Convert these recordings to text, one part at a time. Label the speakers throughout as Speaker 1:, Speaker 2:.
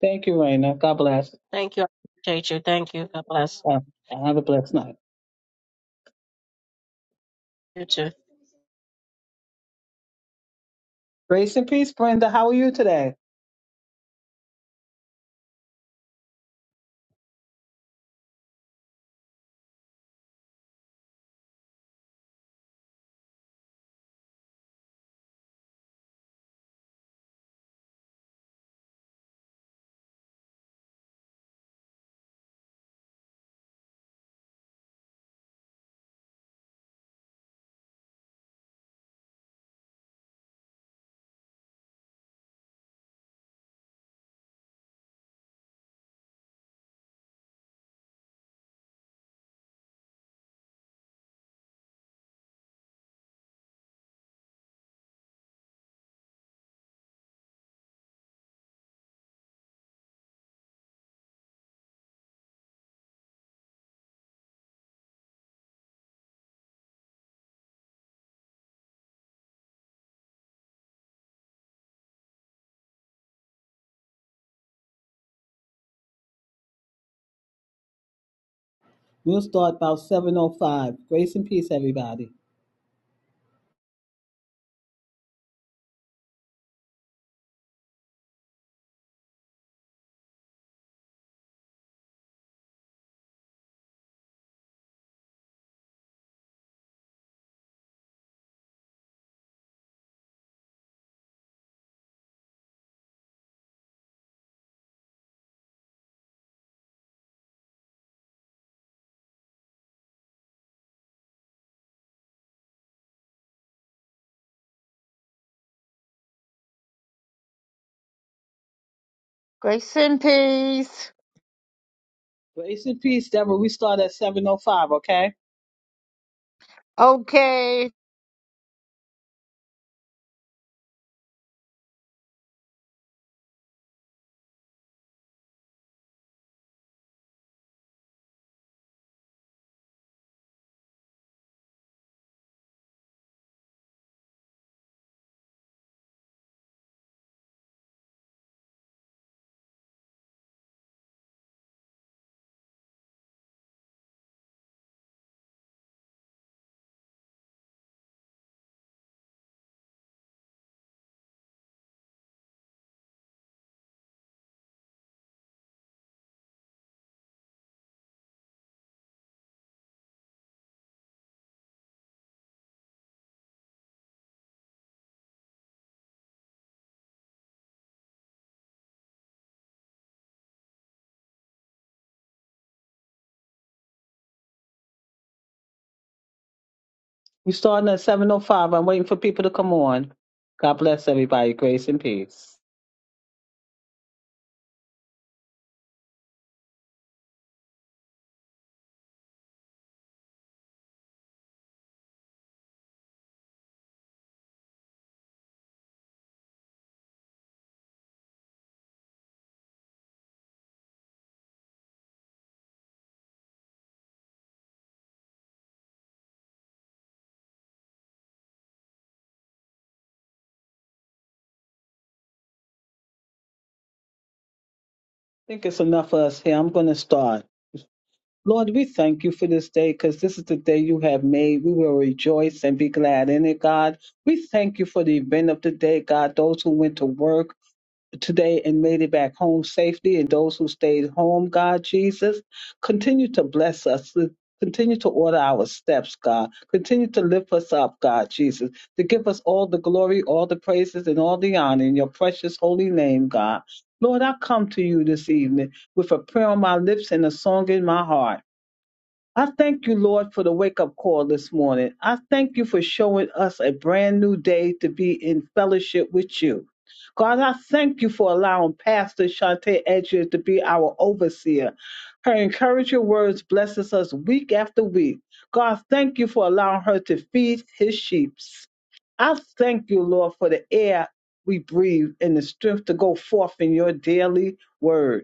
Speaker 1: Thank you, Raina. God bless.
Speaker 2: Thank you. I appreciate you. Thank you. God bless
Speaker 1: Uh, have a blessed night.
Speaker 2: you too.
Speaker 1: Grace and peace, Brenda. How are you today? We'll start about 7.05. Grace and peace, everybody.
Speaker 3: Grace and peace.
Speaker 1: Grace and peace, Deborah. We start at 7.05, okay?
Speaker 3: Okay.
Speaker 1: we starting at 7.05. I'm waiting for people to come on. God bless everybody. Grace and peace. I think it's enough for us here. I'm going to start. Lord, we thank you for this day because this is the day you have made. We will rejoice and be glad in it, God. We thank you for the event of the day, God. Those who went to work, today and made it back home safely. And those who stayed home, God Jesus, continue to bless us. Continue to order our steps, God. Continue to lift us up, God Jesus, to give us all the glory, all the praises, and all the honor in your precious holy name, God. Lord, I come to you this evening with a prayer on my lips and a song in my heart. I thank you, Lord, for the wake up call this morning. I thank you for showing us a brand new day to be in fellowship with you. God, I thank you for allowing Pastor Shante Edger to be our overseer. Her encouraging words blesses us week after week. God, thank you for allowing her to feed his sheep. I thank you, Lord, for the air we breathe and the strength to go forth in your daily word.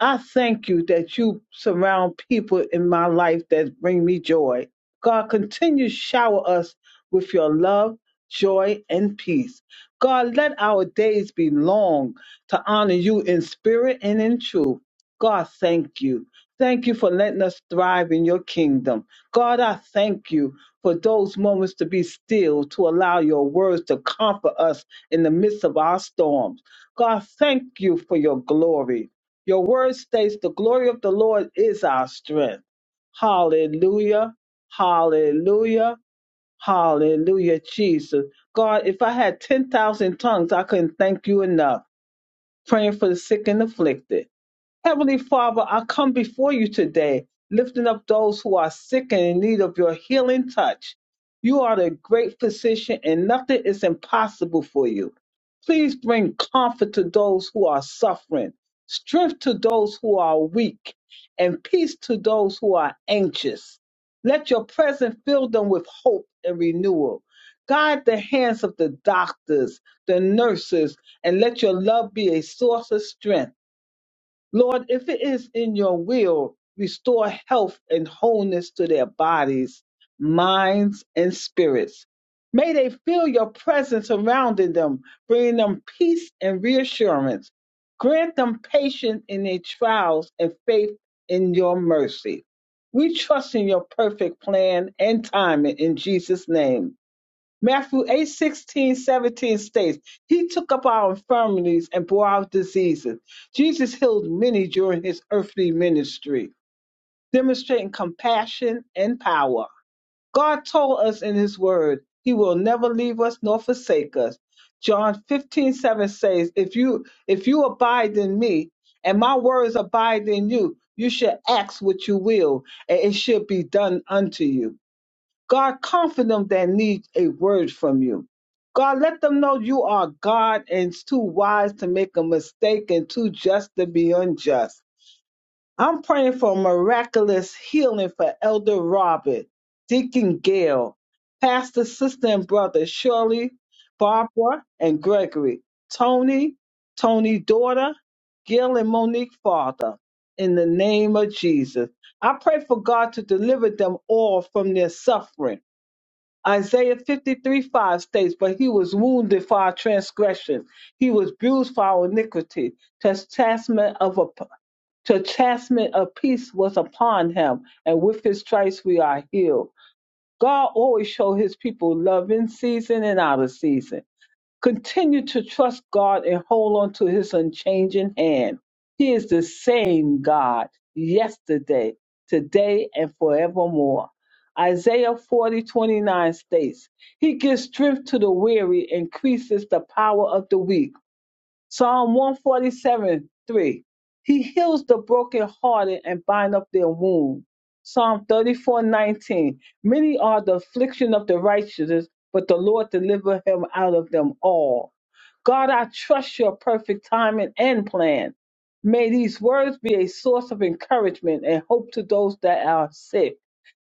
Speaker 1: I thank you that you surround people in my life that bring me joy. God, continue to shower us with your love, joy, and peace. God, let our days be long to honor you in spirit and in truth. God, thank you. Thank you for letting us thrive in your kingdom. God, I thank you for those moments to be still, to allow your words to comfort us in the midst of our storms. God, thank you for your glory. Your word states the glory of the Lord is our strength. Hallelujah. Hallelujah. Hallelujah, Jesus. God, if I had 10,000 tongues, I couldn't thank you enough. Praying for the sick and afflicted. Heavenly Father, I come before you today, lifting up those who are sick and in need of your healing touch. You are the great physician, and nothing is impossible for you. Please bring comfort to those who are suffering, strength to those who are weak, and peace to those who are anxious. Let your presence fill them with hope and renewal. Guide the hands of the doctors, the nurses, and let your love be a source of strength. Lord, if it is in your will, restore health and wholeness to their bodies, minds, and spirits. May they feel your presence surrounding them, bringing them peace and reassurance. Grant them patience in their trials and faith in your mercy. We trust in your perfect plan and timing in Jesus' name. Matthew 8 16 17 states, He took up our infirmities and bore our diseases. Jesus healed many during his earthly ministry, demonstrating compassion and power. God told us in his word, He will never leave us nor forsake us. John 15 7 says, If you if you abide in me and my words abide in you, you shall ask what you will, and it shall be done unto you. God, comfort them that need a word from you. God, let them know you are God and it's too wise to make a mistake and too just to be unjust. I'm praying for miraculous healing for Elder Robert, Deacon Gail, Pastor Sister and Brother Shirley, Barbara and Gregory, Tony, Tony daughter, Gil and Monique father. In the name of Jesus, I pray for God to deliver them all from their suffering Isaiah 53 5 states, But he was wounded for our transgression, he was bruised for our iniquity. Chastisement of, a, chastisement of peace was upon him, and with his stripes we are healed. God always showed his people love in season and out of season. Continue to trust God and hold on to his unchanging hand. He is the same God yesterday, today, and forevermore. Isaiah 40:29 states, He gives strength to the weary, increases the power of the weak. Psalm 147 3. He heals the brokenhearted and bind up their wound. Psalm 34:19. Many are the affliction of the righteous, but the Lord delivered him out of them all. God, I trust your perfect timing and plan. May these words be a source of encouragement and hope to those that are sick.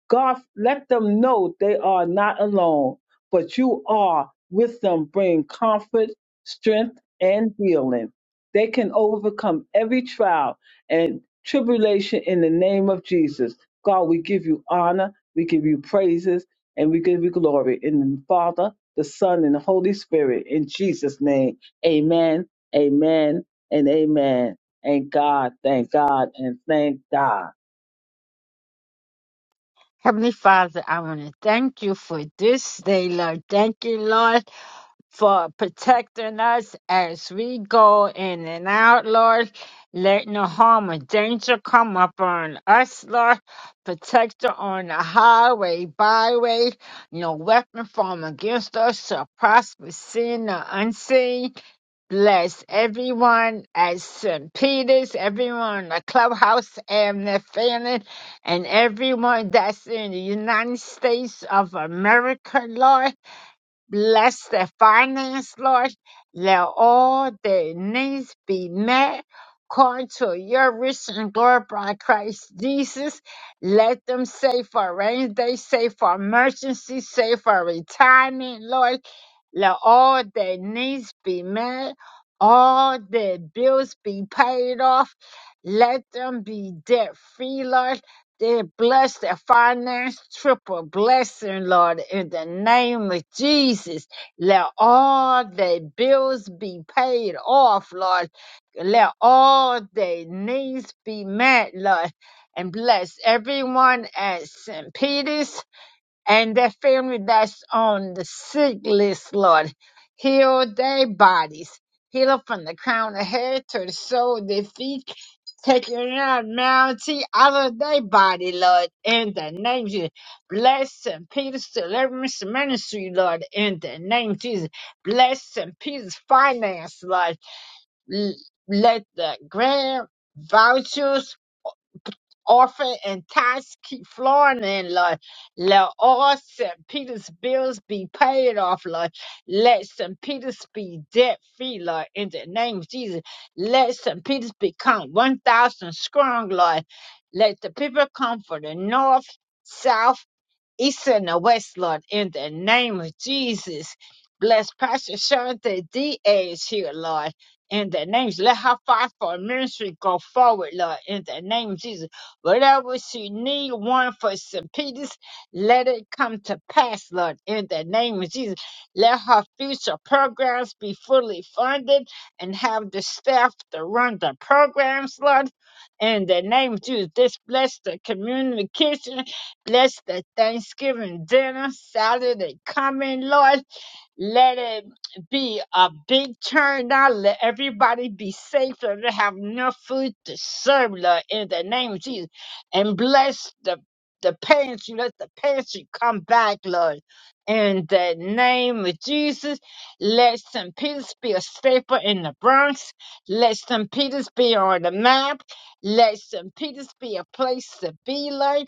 Speaker 1: God, let them know they are not alone, but you are with them, bringing comfort, strength, and healing. They can overcome every trial and tribulation in the name of Jesus. God, we give you honor, we give you praises, and we give you glory in the Father, the Son, and the Holy Spirit. In Jesus' name, amen, amen, and amen. And God, thank God, and thank God.
Speaker 3: Heavenly Father, I want to thank you for this day, Lord. Thank you, Lord, for protecting us as we go in and out, Lord. Let no harm or danger come upon us, Lord. Protect us on the highway, byway. No weapon formed against us shall prosper, seen or unseen. bless everyone at St. Peter's, everyone in the clubhouse and the family, and everyone that's in the United States of America, Lord. Bless their finance, Lord. Let all their needs be met. According to your rich and glory by Christ Jesus, let them save for a rainy day, save for emergency, save for retirement, Lord. Let all their needs be met, all their bills be paid off. Let them be debt free, Lord. They bless their finance, triple blessing, Lord, in the name of Jesus. Let all their bills be paid off, Lord. Let all their needs be met, Lord. And bless everyone at St. Peter's and their family that's on the sick list, Lord. Heal their bodies. Heal them from the crown of hair to the sole of their feet taking that mountain out of their body, Lord, in the name of Jesus. Bless St. Peter's Deliverance Ministry, Lord, in the name of Jesus. Bless St. Peter's Finance, Lord. L- Let the grant vouchers Orphan and Toski, Florida, and Lord. Let all St. Peter's bills be paid off, Lord. Let St. Peter's be debt free, Lord, in the name of Jesus. Let St. Peter's become 1,000 strong, Lord. Let the people come from the north, south, east and the west, Lord, in the name of Jesus. Bless Pastor Shanta D. is here, Lord, in the name. Let her fight for ministry go forward, Lord, in the name of Jesus. Whatever she need, one for St. Peter's, let it come to pass, Lord, in the name of Jesus. Let her future programs be fully funded and have the staff to run the programs, Lord, in the name of Jesus. This bless the community kitchen Bless the Thanksgiving dinner Saturday coming, Lord. Let it be a big turnout. Let everybody be safe. Let them have enough food to serve, Lord, in the name of Jesus. And bless the, the pantry. Let the pantry come back, Lord. In the name of Jesus, let St. Peter's be a staple in the Bronx. Let St. Peter's be on the map. Let St. Peter's be a place to be, Lord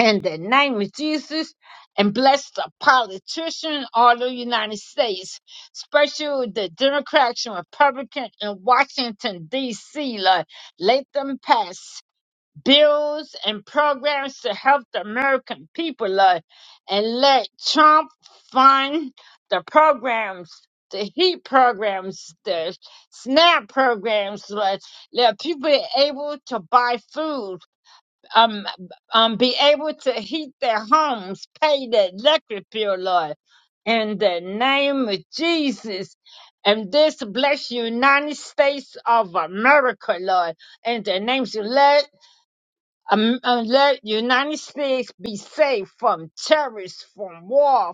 Speaker 3: in the name of Jesus and bless the politician all the United States, especially the Democrats and Republicans in Washington, D.C. Lord. Let them pass bills and programs to help the American people, Lord, and let Trump fund the programs. The heat programs, the SNAP programs, Lord. let people be able to buy food um, um, be able to heat their homes, pay the electric bill, Lord, in the name of Jesus. And this bless United States of America, Lord, in the name of let um, uh, let United States be safe from terrorists, from war,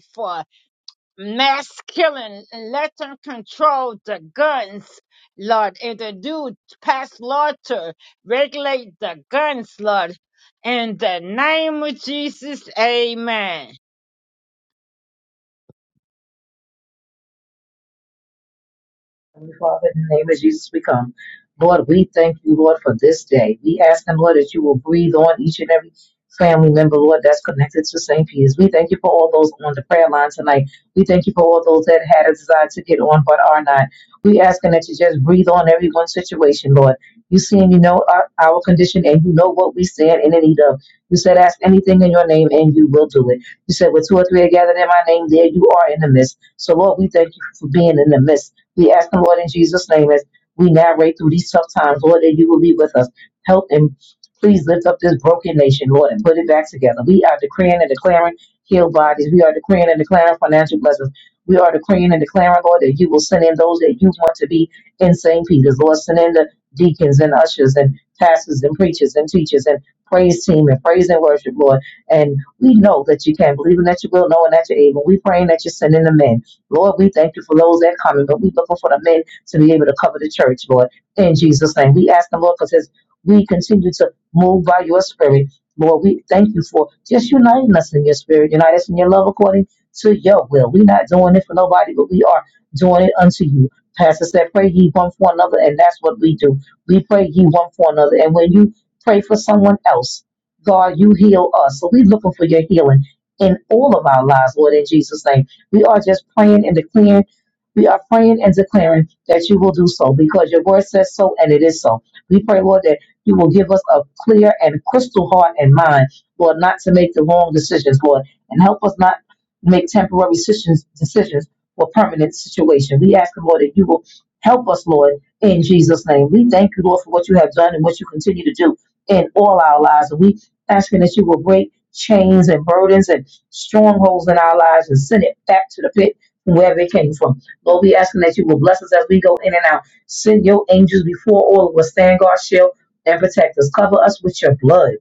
Speaker 3: mass killing and let them control the guns, Lord. If they do pass law to regulate the guns, Lord, in the name of Jesus, amen.
Speaker 4: Heavenly Father, in the name of Jesus, we come. Lord, we thank you, Lord, for this day. We ask, and Lord, that you will breathe on each and every family member, Lord, that's connected to St. Peter's. We thank you for all those on the prayer line tonight. We thank you for all those that had a desire to get on but are not. We asking that you just breathe on everyone's situation, Lord. You see and you know our, our condition, and you know what we stand in need of. You said, ask anything in your name, and you will do it. You said, with two or three are gathered in my name, there you are in the midst. So, Lord, we thank you for being in the midst. We ask the Lord in Jesus' name as we navigate through these tough times, Lord, that you will be with us. Help and please lift up this broken nation, Lord, and put it back together. We are decreeing and declaring healed bodies. We are decreeing and declaring financial blessings. We are decreeing and declaring, Lord, that you will send in those that you want to be in St. Peter's. Lord, send in the deacons and ushers and pastors and preachers and teachers and praise team and praise and worship, Lord. And we know that you can, believing that you will, knowing that you're able. We praying that you're sending the men. Lord, we thank you for those that are coming, but we looking for the men to be able to cover the church, Lord. In Jesus' name, we ask the Lord because as we continue to move by your spirit, Lord, we thank you for just uniting us in your spirit, unite us in your love according to your will. We're not doing it for nobody, but we are doing it unto you. Pastor said, pray ye one for another, and that's what we do. We pray ye one for another. And when you pray for someone else, God, you heal us. So we're looking for your healing in all of our lives, Lord, in Jesus' name. We are just praying and declaring. We are praying and declaring that you will do so because your word says so and it is so. We pray, Lord, that you will give us a clear and crystal heart and mind, Lord, not to make the wrong decisions, Lord, and help us not make temporary decisions, decisions for permanent situation. We ask, Lord, that you will help us, Lord, in Jesus' name. We thank you, Lord, for what you have done and what you continue to do in all our lives. And we asking that you will break chains and burdens and strongholds in our lives and send it back to the pit from wherever it came from. Lord, we asking that you will bless us as we go in and out. Send your angels before all of us. Stand guard, shield, and protect us. Cover us with your blood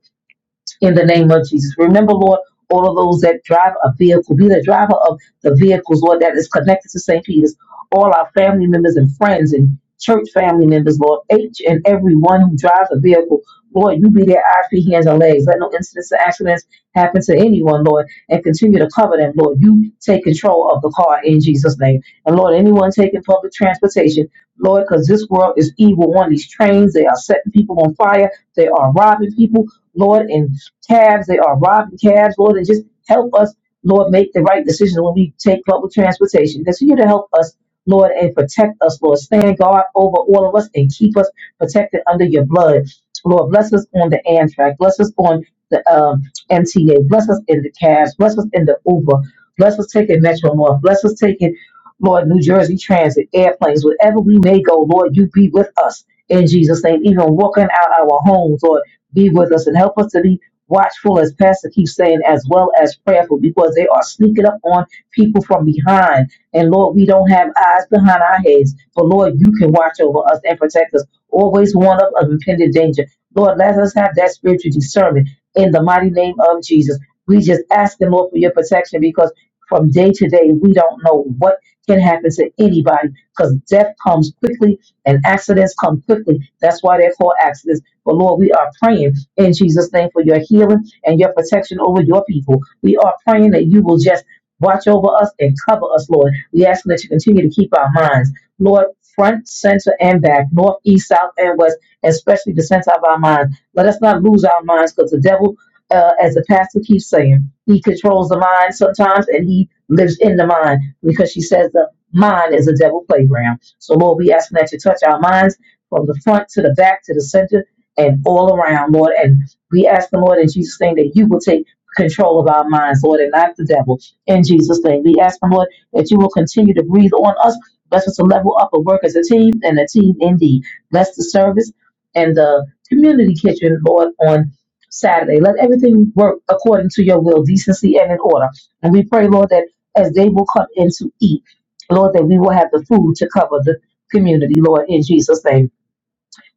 Speaker 4: in the name of Jesus. Remember, Lord, all of those that drive a vehicle, be the driver of the vehicles, Lord, that is connected to St. Peter's, all our family members and friends and church family members, Lord, each and every one who drives a vehicle, Lord, you be their eyes, feet, hands, and legs. Let no incidents or accidents happen to anyone, Lord, and continue to cover them, Lord. You take control of the car in Jesus' name. And Lord, anyone taking public transportation, Lord, because this world is evil on these trains. They are setting people on fire. They are robbing people. Lord, and cabs. They are robbing cabs, Lord, and just help us, Lord, make the right decision when we take public transportation. Continue to help us, Lord, and protect us, Lord. Stand guard over all of us and keep us protected under your blood. Lord, bless us on the Amtrak. Bless us on the um, MTA. Bless us in the cabs. Bless us in the Uber. Bless us taking Metro North. Bless us taking, Lord, New Jersey Transit, airplanes, wherever we may go, Lord, you be with us in Jesus' name. Even walking out our homes, Lord be with us and help us to be watchful, as Pastor keeps saying, as well as prayerful, because they are sneaking up on people from behind. And Lord, we don't have eyes behind our heads, but Lord, you can watch over us and protect us. Always warn us of impending danger. Lord, let us have that spiritual discernment in the mighty name of Jesus. We just ask Him, Lord, for your protection because from day to day, we don't know what can happen to anybody because death comes quickly and accidents come quickly. That's why they're called accidents but Lord, we are praying in Jesus' name for your healing and your protection over your people. We are praying that you will just watch over us and cover us, Lord. We ask that you continue to keep our minds, Lord, front, center, and back, north, east, south, and west, and especially the center of our minds. Let us not lose our minds because the devil, uh, as the pastor keeps saying, he controls the mind sometimes and he lives in the mind because she says the mind is a devil playground. So, Lord, we ask that you touch our minds from the front to the back to the center and all around, Lord. And we ask the Lord in Jesus' name that you will take control of our minds, Lord, and not the devil. In Jesus' name, we ask the Lord that you will continue to breathe on us. Bless us to level up and work as a team and a team indeed. Bless the service and the community kitchen, Lord, on Saturday. Let everything work according to your will, decency and in order. And we pray, Lord, that as they will come in to eat, Lord, that we will have the food to cover the community, Lord, in Jesus' name.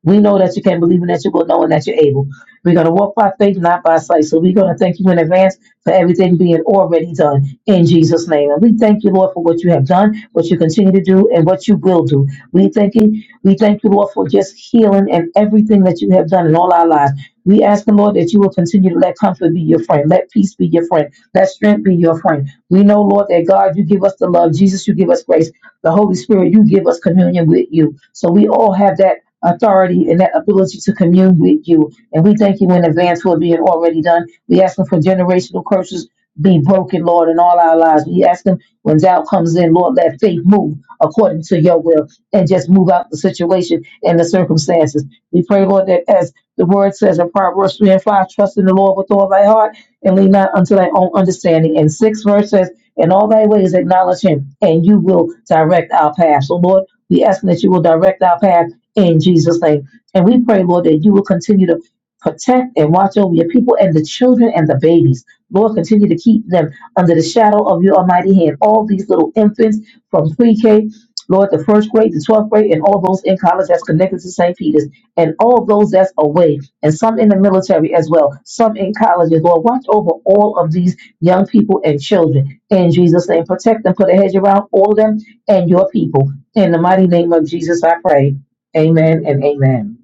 Speaker 4: We know that you can believe and that you will knowing that you're able. We're going to walk by faith, not by sight. So we're going to thank you in advance for everything being already done in Jesus' name. And we thank you, Lord, for what you have done, what you continue to do, and what you will do. We thank you, we thank you, Lord, for just healing and everything that you have done in all our lives. We ask the Lord that you will continue to let comfort be your friend, let peace be your friend, let strength be your friend. We know, Lord, that God, you give us the love. Jesus, you give us grace. The Holy Spirit, you give us communion with you. So we all have that authority and that ability to commune with you. And we thank you in advance for it being already done. We ask them for generational curses be broken, Lord, in all our lives. We ask them when doubt comes in, Lord, let faith move according to your will and just move out the situation and the circumstances. We pray, Lord, that as the word says in Proverbs 3 and 5, trust in the Lord with all thy heart and lean not unto thy own understanding. And 6 verse says, In all thy ways acknowledge him, and you will direct our path. So, Lord, we ask that you will direct our path in Jesus' name. And we pray, Lord, that you will continue to protect and watch over your people and the children and the babies. Lord, continue to keep them under the shadow of your almighty hand. All these little infants from pre K, Lord, the first grade, the 12th grade, and all those in college that's connected to St. Peter's, and all those that's away, and some in the military as well, some in colleges. Lord, watch over all of these young people and children in Jesus' name. Protect them, put a hedge around all of them and your people. In the mighty name of Jesus, I pray. Amen and amen.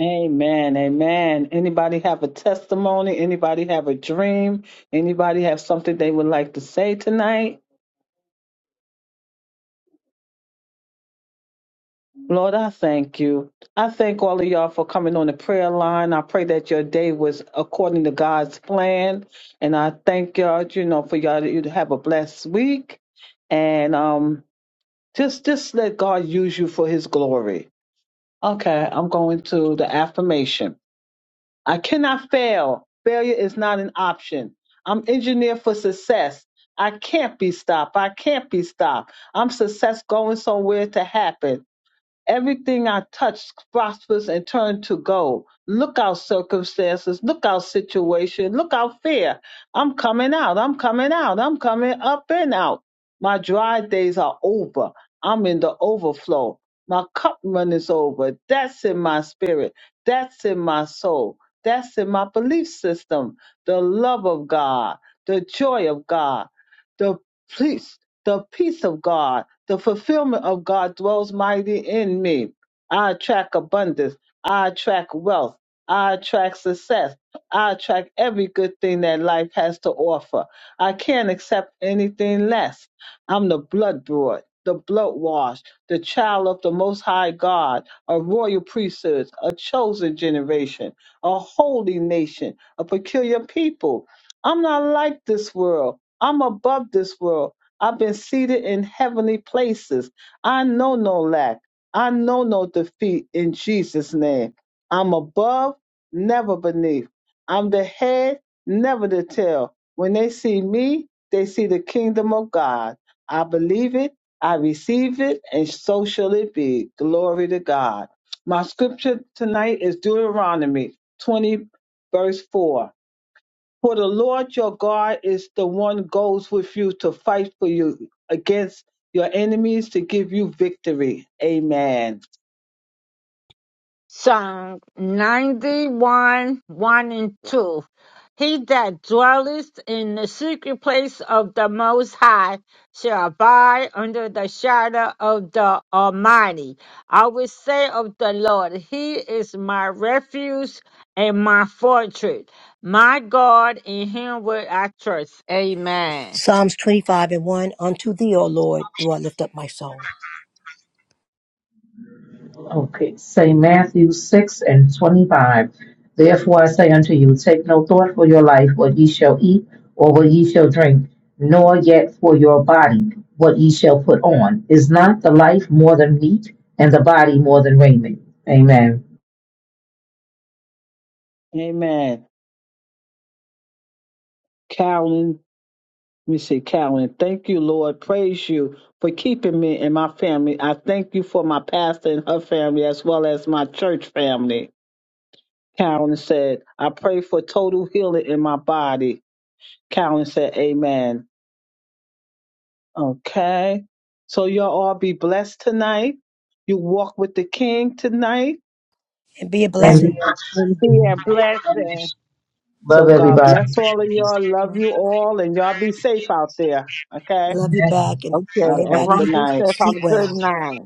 Speaker 1: Amen. Amen. Anybody have a testimony? Anybody have a dream? Anybody have something they would like to say tonight? Lord, I thank you. I thank all of y'all for coming on the prayer line. I pray that your day was according to God's plan. And I thank y'all, you know, for y'all to you to have a blessed week. And um just just let God use you for his glory. Okay, I'm going to the affirmation. I cannot fail. Failure is not an option. I'm engineered for success. I can't be stopped. I can't be stopped. I'm success going somewhere to happen. Everything I touch prospers and turn to gold. Look out circumstances, look out situation, look out fear. I'm coming out, I'm coming out, I'm coming up and out. My dry days are over. I'm in the overflow. My cup runneth over. That's in my spirit. That's in my soul. That's in my belief system. The love of God, the joy of God, the peace, the peace of God the fulfillment of God dwells mighty in me. I attract abundance. I attract wealth. I attract success. I attract every good thing that life has to offer. I can't accept anything less. I'm the blood brought, the blood washed, the child of the Most High God, a royal priesthood, a chosen generation, a holy nation, a peculiar people. I'm not like this world. I'm above this world. I've been seated in heavenly places. I know no lack. I know no defeat in Jesus' name. I'm above, never beneath. I'm the head, never the tail. When they see me, they see the kingdom of God. I believe it, I receive it, and so shall it be. Glory to God. My scripture tonight is Deuteronomy 20, verse 4. For the Lord your God is the one goes with you to fight for you against your enemies to give you victory. Amen.
Speaker 3: Psalm 91, 1 and 2. He that dwelleth in the secret place of the Most High shall abide under the shadow of the Almighty. I will say of the Lord, He is my refuge and my fortress, my God, in Him will I trust. Amen.
Speaker 5: Psalms 25 and 1 Unto thee, O Lord, do I lift up my soul.
Speaker 4: Okay, say Matthew 6 and 25. Therefore I say unto you, take no thought for your life, what ye shall eat, or what ye shall drink, nor yet for your body, what ye shall put on. Is not the life more than meat, and the body more than raiment? Amen.
Speaker 1: Amen. Carolyn, let me see, Carolyn, thank you, Lord. Praise you for keeping me and my family. I thank you for my pastor and her family as well as my church family. Carolyn said, I pray for total healing in my body. Carolyn said, Amen. Okay. So you all all be blessed tonight. You walk with the King tonight.
Speaker 5: And be a
Speaker 4: And be
Speaker 5: blessing.
Speaker 3: And, and be a
Speaker 4: encouraged.
Speaker 3: blessing.
Speaker 1: So
Speaker 4: Love
Speaker 1: God
Speaker 4: everybody.
Speaker 1: bless all of y'all. Love you all. And y'all be safe out there. Okay.
Speaker 5: Love you
Speaker 4: Amen.
Speaker 5: back and
Speaker 3: Okay,
Speaker 1: Okay.
Speaker 3: everyone
Speaker 1: Good
Speaker 5: everybody
Speaker 3: be
Speaker 1: night.
Speaker 3: safe. Have
Speaker 5: sleep
Speaker 3: a good
Speaker 5: well.
Speaker 3: night.